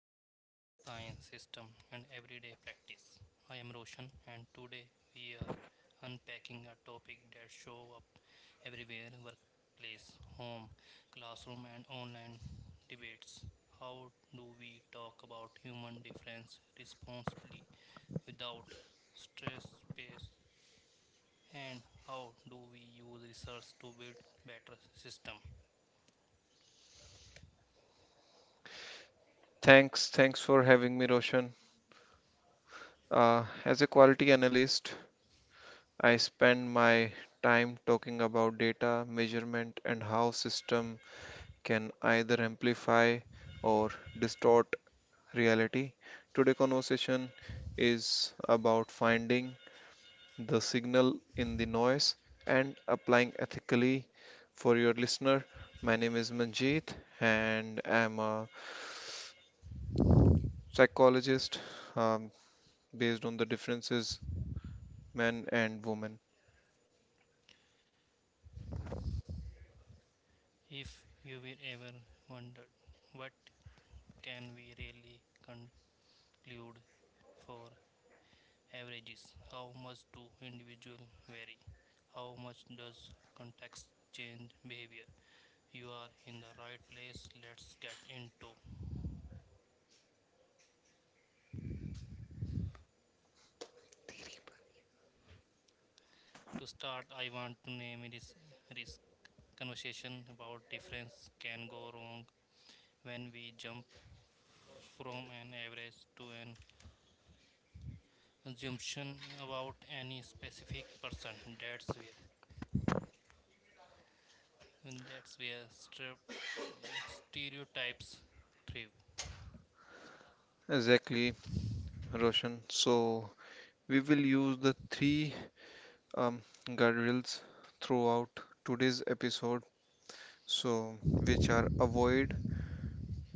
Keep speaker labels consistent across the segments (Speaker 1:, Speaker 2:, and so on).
Speaker 1: Variation, Science, System, and Everyday Practice. I am Roshan, and today we are unpacking a topic that shows up everywhere workplace, home, classroom, and online debates. How do we talk about human difference responsibly without stress space? And how do we use research to build better system?
Speaker 2: Thanks, for having me, Roshan. As a quality analyst, I spend my time talking about data, measurement, and how system can either amplify or distort reality. Today conversation is about finding the signal in the noise and applying ethically for your listener. My name is Manjeet and I'm a psychologist um, based on the differences men and women.
Speaker 1: If you will ever wonder what can we really conclude for averages? How much do individuals vary? How much does context change behavior? You are in the right place. Let's get into. To start, I want to name this conversation about difference can go wrong when we jump from an average to an assumption about any specific person. That's where and that's where stereotypes thrive.
Speaker 2: Exactly, Roshan. So we will use the three um, guardrails throughout today's episode. So which are avoid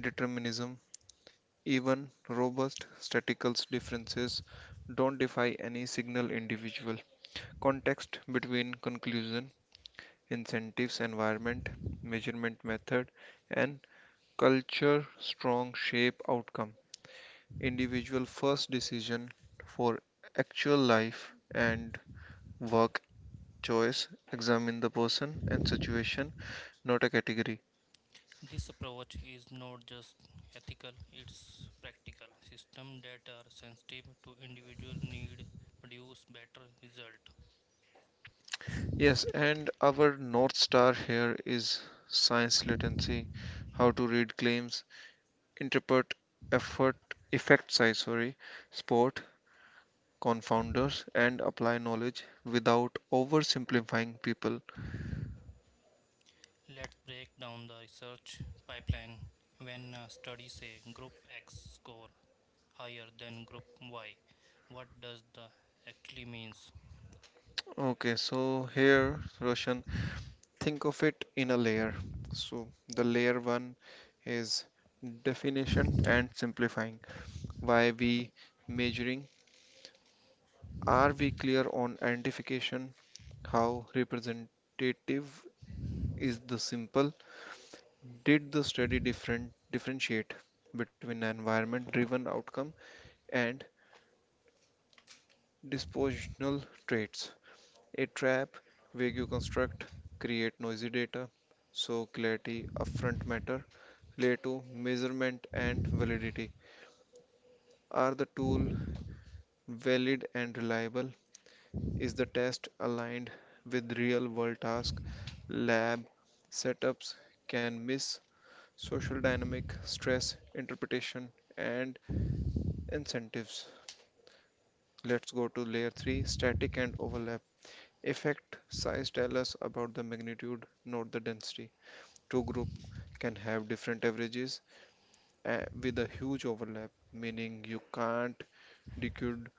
Speaker 2: determinism, even robust statistical differences don't defy any single individual. Context between conclusion, incentives, environment, measurement method, and culture strong shape outcome. Individual first decision for actual life and work choice examine the person and situation, not a category.
Speaker 1: This approach is not just ethical, it's practical. Systems that are sensitive to individual need produce better results.
Speaker 2: Yes, and our north star here is science literacy, how to read claims, interpret effort effect size, sorry, sport confounders, and apply knowledge without oversimplifying people.
Speaker 1: Let's break down the research pipeline. When a study says group X score higher than group Y, what does that actually means?
Speaker 2: Okay, so here, Roshan, think of it in a layer. So the layer one is definition and simplifying. Why we measuring? Are we clear on identification? How representative is the simple? Did the study differentiate between environment-driven outcome and dispositional traits? A trap, vague construct, create noisy data, so clarity upfront matter. Plato, measurement and validity. Are the tool valid and reliable? Is the test aligned with real world tasks? Lab setups can miss social dynamic, stress, interpretation, and incentives. Let's go to layer 3, static and overlap. Effect size tell us about the magnitude, not the density. Two groups can have different averages with a huge overlap, meaning you can't decode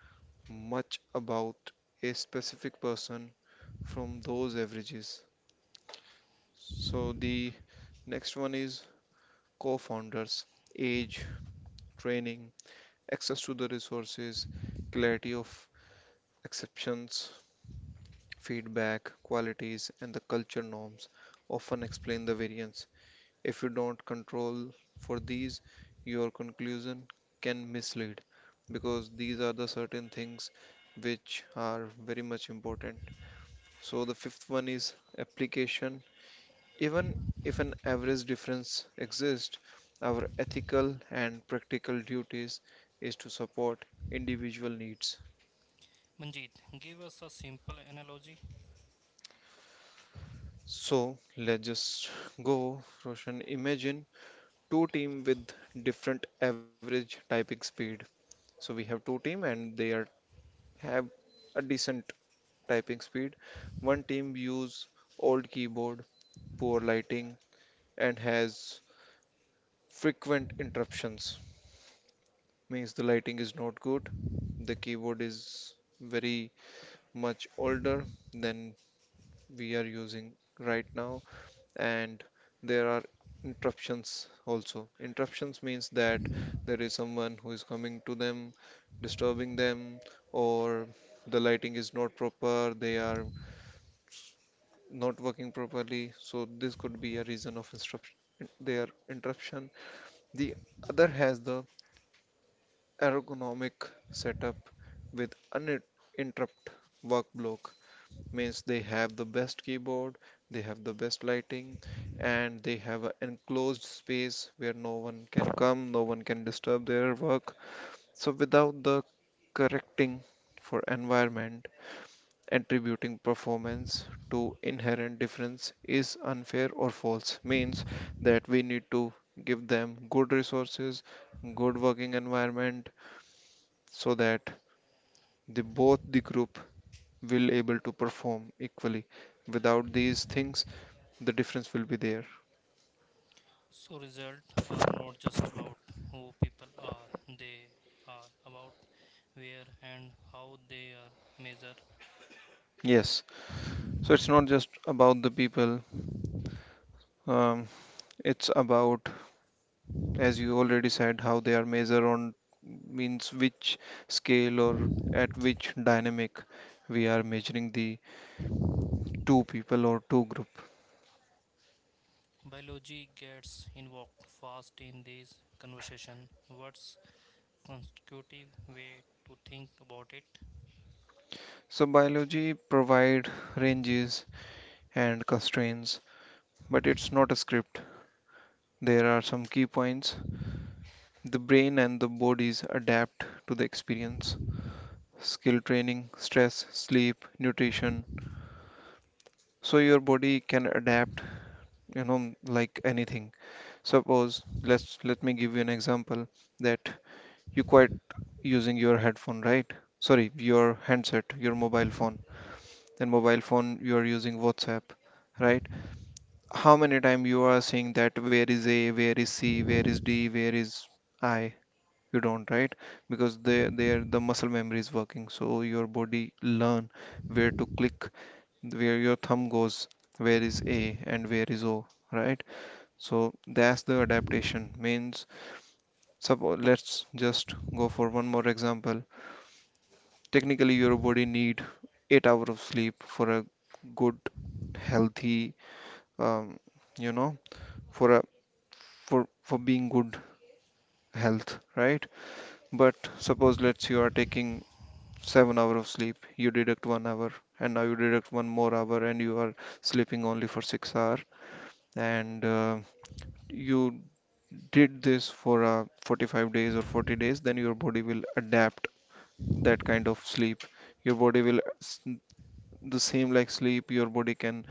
Speaker 2: much about a specific person from those averages. So the next one is co-founders, age, training, access to the resources, clarity of exceptions, feedback, qualities, and the culture norms often explain the variance. If you don't control for these, your conclusion can mislead because these are the certain things which are very much important. So the fifth one is application. Even if an average difference exists, our ethical and practical duties is to support individual needs.
Speaker 1: Manjit, give us a simple analogy.
Speaker 2: So let's just go, Roshan. Imagine two team with different average typing speed. So we have two team and they are have a decent typing speed. One team use old keyboard, poor lighting, and has frequent interruptions. Means the lighting is not good, the keyboard is very much older than we are using right now, and there are interruptions also. Interruptions means that there is someone who is coming to them, disturbing them, or the lighting is not proper, they are not working properly, so this could be a reason of their interruption. The other has the ergonomic setup with uninterrupted work block, means they have the best keyboard, they have the best lighting, and they have an enclosed space where no one can come, no one can disturb their work. So without the correcting for environment, attributing performance to inherent difference is unfair or false, means that we need to give them good resources, good working environment so that the both the group will able to perform equally. Without these things the difference will be there.
Speaker 1: So results are not just about who people are, they are about where and how they are measured.
Speaker 2: Yes, so it's not just about the people, um, it's about, as you already said, how they are measured on, means which scale or at which dynamic we are measuring the two people or two group.
Speaker 1: Biology gets invoked fast in this conversation. What's constructive way to think about it?
Speaker 2: So biology provide ranges and constraints, but it's not a script. There are some key points. The brain and the bodies adapt to the experience. Skill training, stress, sleep, nutrition. So your body can adapt, you know, like anything. Suppose let me give you an example that you quit using your headphone, right? Sorry, your handset, your mobile phone. Then mobile phone you are using WhatsApp, right? How many time you are seeing that where is A, where is C, where is D, where is I? You don't, right? Because they there the muscle memory is working, so your body learn where to click, where your thumb goes, where is A and where is O, right? So that's the adaptation, means suppose let's just go for one more example. Technically your body need 8 hours of sleep for a good healthy, um, you know, for a for for being good health, right? But suppose let's you are taking 7 hours of sleep, you deduct 1 hour and now you deduct 1 more hour and you are sleeping only for 6 hours, and you did this for 45 days or 40 days, then your body will adapt that kind of sleep. Your body will, the same like sleep, your body can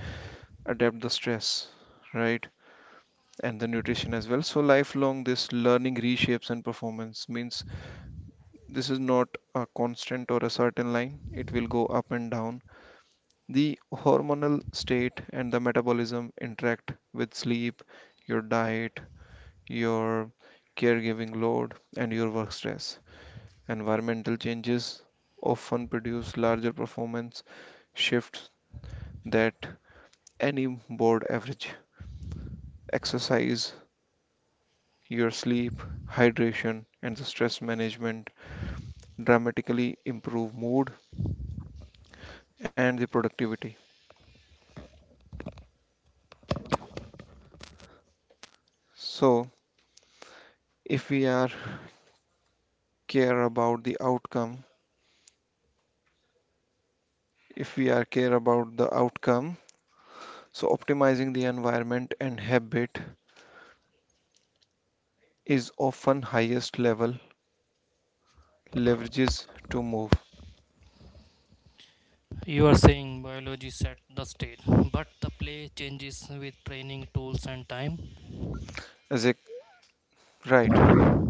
Speaker 2: adapt the stress, right? And the nutrition as well. So lifelong this learning reshapes and performance, means this is not a constant or a certain line, it will go up and down. The hormonal state and the metabolism interact with sleep, your diet, your caregiving load, and your work stress. Environmental changes often produce larger performance shifts than any board average. Exercise, your sleep, hydration, and the stress management dramatically improve mood and the productivity. So, if we are care about the outcome, if we are care about the outcome. So optimizing the environment and habit is often highest level leverages to move.
Speaker 1: You are saying biology set the stage, but the play changes with training tools and time.
Speaker 2: As a right?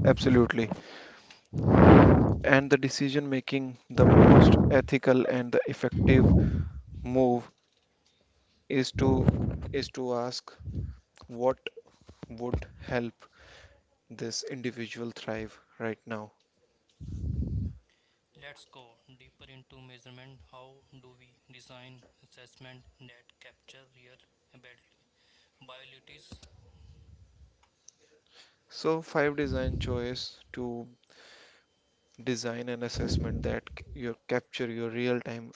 Speaker 2: Absolutely. And the decision making, the most ethical and the effective move is to ask what would help this individual thrive right now.
Speaker 1: Let's go deeper into measurement. How do we design assessment that capture real abilities.
Speaker 2: So five design choice to design an assessment that you capture your real time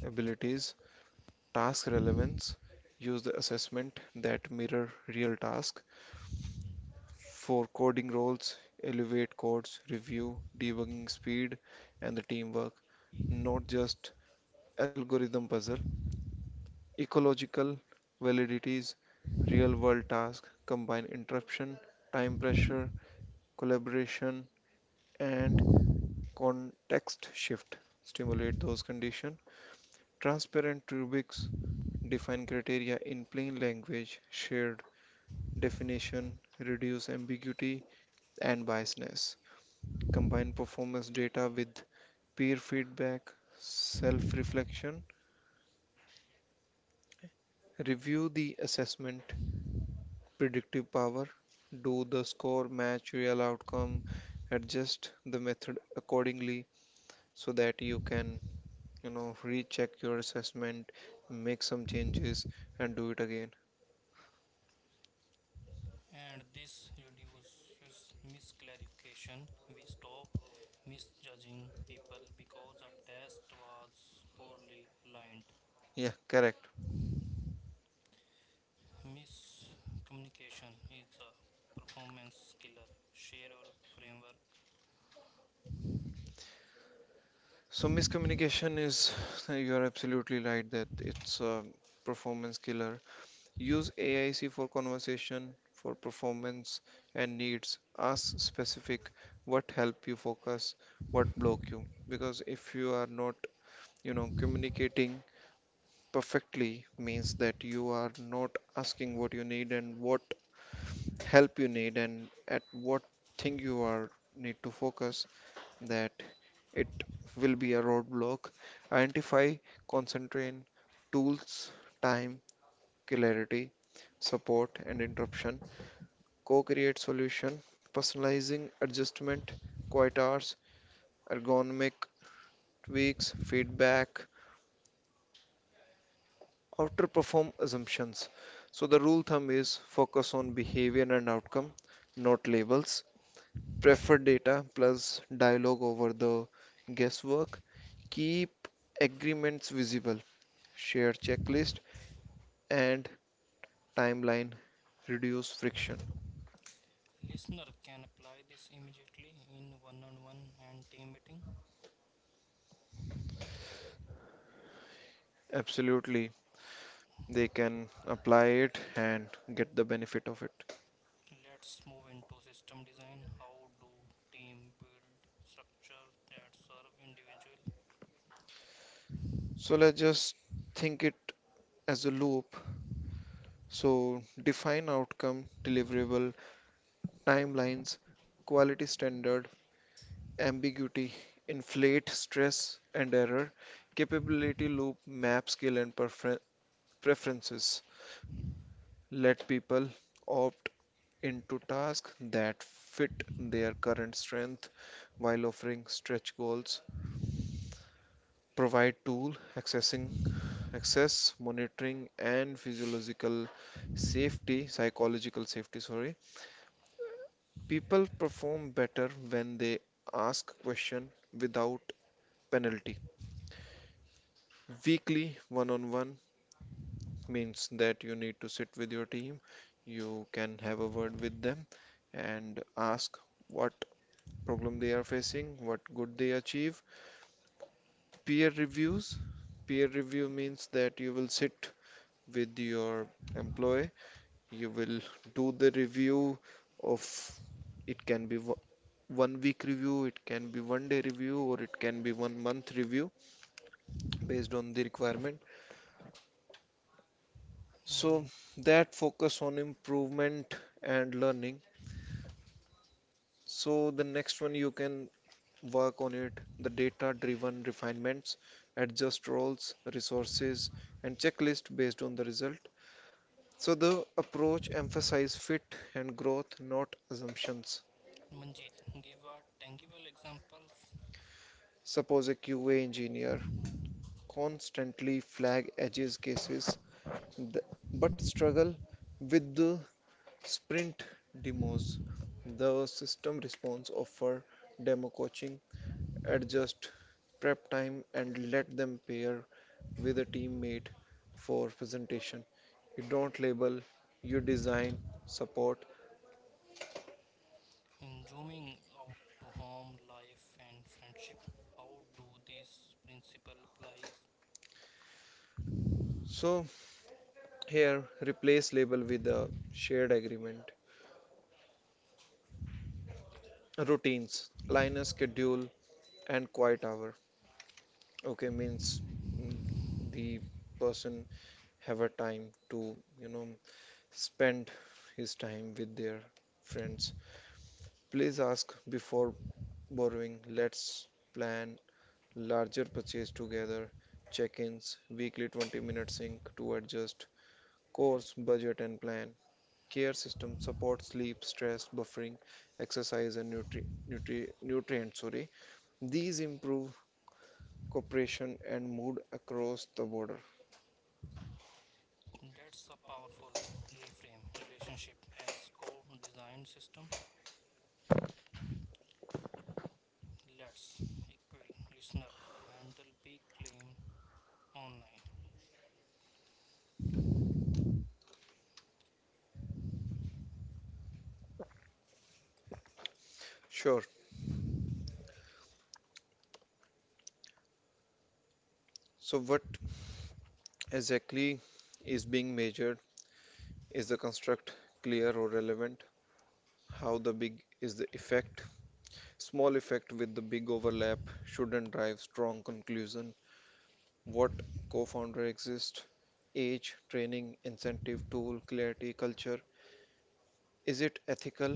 Speaker 2: abilities. Task relevance, use the assessment that mirror real task. For coding roles, elevate codes, review, debugging speed, and the teamwork, not just algorithm puzzle. Ecological validities, real world task combine interruption, time pressure, collaboration, and context shift. Stimulate those conditions. Transparent rubrics, define criteria in plain language, share definition, reduce ambiguity and biasness, combine performance data with peer feedback, self reflection, review the assessment, predictive power, do the score match real outcome, adjust the method accordingly so that you can, you know, recheck your assessment, make some changes, and do it again.
Speaker 1: And this reduces misclarification. We stop misjudging people because a test was poorly lined.
Speaker 2: Yeah, correct.
Speaker 1: Miscommunication is a performance killer. Share your framework.
Speaker 2: So miscommunication is you are absolutely right that it's a performance killer. Use AIC for conversation, for performance and needs. Ask specific, what help you focus, what block you. Because if you are not, you know, communicating perfectly, means that you are not asking what you need and what help you need and at what thing you are need to focus, that it will be a roadblock. Identify, concentrate, tools, time, clarity, support and interruption, co-create solution, personalizing adjustment, quiet hours, ergonomic tweaks, feedback, outperform assumptions. So the rule thumb is focus on behavior and outcome, not labels. Prefer data plus dialogue over the guesswork. Keep agreements visible. Share checklist and timeline. Reduce friction.
Speaker 1: Listener can apply this immediately in one on one and team meeting.
Speaker 2: Absolutely, they can apply it and get the benefit of it.
Speaker 1: Let's move into system design. How do team build structure that serve individual?
Speaker 2: So let's just think it as a loop. So define outcome, deliverable, timelines, quality standard, ambiguity, inflate, stress and error, capability loop, map skill and preferences. Let people opt into tasks that fit their current strength while offering stretch goals. Provide tool accessing access monitoring and physiological safety psychological safety, sorry. People perform better when they ask question without penalty. Weekly one-on-one means that you need to sit with your team, you can have a word with them and ask what problem they are facing, what good they achieve. Peer reviews, peer review means that you will sit with your employee. You will do the review of, it can be 1 week review, it can be 1 day review, or it can be 1 month review based on the requirement. So
Speaker 1: Mm.
Speaker 2: that focus on improvement and learning. So the next one you can work on it, the data driven refinements, adjust roles, resources, and checklist based on the result. So the approach emphasize fit and growth, not assumptions.
Speaker 1: Manjeet, give a tangible examples
Speaker 2: Suppose a QA engineer constantly flag edge cases th- but struggle with the sprint demos. The system response offer demo coaching, adjust prep time and let them pair with a teammate for presentation. You don't label, you design support.
Speaker 1: in zooming out to home, life, and friendship. How do these principles apply?
Speaker 2: So here replace label with a shared agreement. Routines, align a schedule and quiet hour. Okay, means mm, the person have a time to, you know, spend his time with their friends. Please ask before borrowing. Let's plan larger purchase together, check-ins, weekly 20-minute sync to adjust course, budget and plan. Care system support sleep, stress, buffering, exercise and nutrients, sorry. These improve cooperation and mood across the border.
Speaker 1: That's a powerful reframe relationship as co design system. Let's equip listener to handle big claim online.
Speaker 2: Sure. So, what exactly is being measured? Is the construct clear or relevant? How the big is the effect? Small effect with the big overlap shouldn't drive strong conclusion. What co-founder exists? Age, training, incentive, tool, clarity, culture. Is it ethical?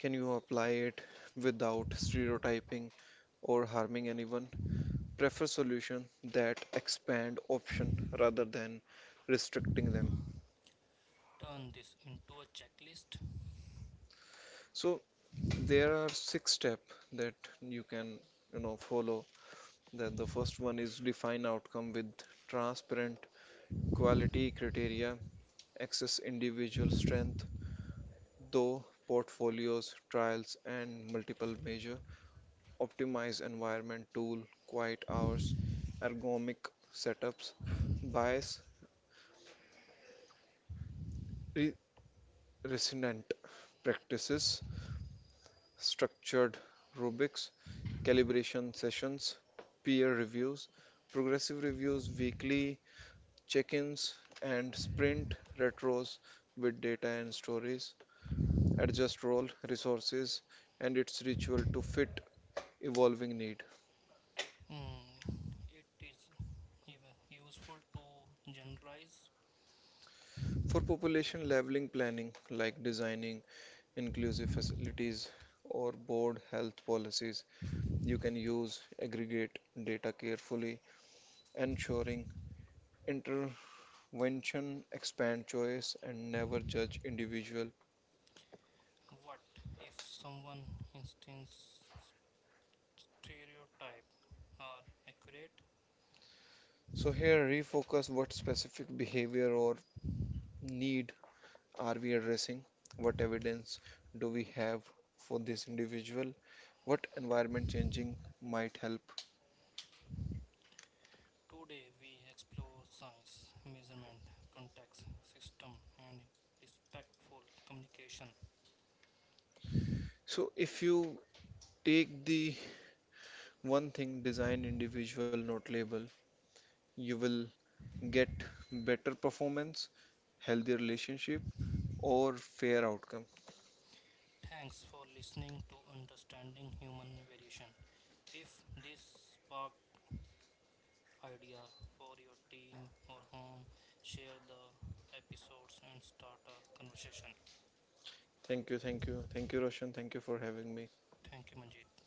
Speaker 2: Can you apply it without stereotyping or harming anyone? Prefer solution that expand option rather than restricting them.
Speaker 1: Turn this into a checklist.
Speaker 2: So there are 6 steps that you can, you know, follow. That the first one is define outcome with transparent quality criteria, access individual strength, though portfolios, trials, and multiple measure, optimize environment tool, quiet hours, ergonomic setups, bias re- resonant practices, structured rubrics, calibration sessions, peer reviews, progressive reviews, weekly check ins, and sprint retros with data and stories. Adjust role, resources, and its ritual to fit evolving need.
Speaker 1: Mm, it is even useful to generalize
Speaker 2: For population leveling planning, like designing inclusive facilities or board health policies, you can use aggregate data carefully, ensuring intervention, expand choice, and never judge individual.
Speaker 1: what if someone instance stereotype are accurate.
Speaker 2: So here refocus, what specific behavior or need are we addressing? What evidence do we have for this individual? What environment changing might help?
Speaker 1: Today we explore science, measurement, context, system, and respectful communication.
Speaker 2: So if you take the one thing design individual note label, you will get better performance, healthier relationship or fair outcome.
Speaker 1: Thanks for listening to Understanding Human Variation. If this sparked idea for your team or home, share the episodes and start a conversation.
Speaker 2: Thank you. Thank you, Roshan, thank you for having me.
Speaker 1: Thank you, Manjeet.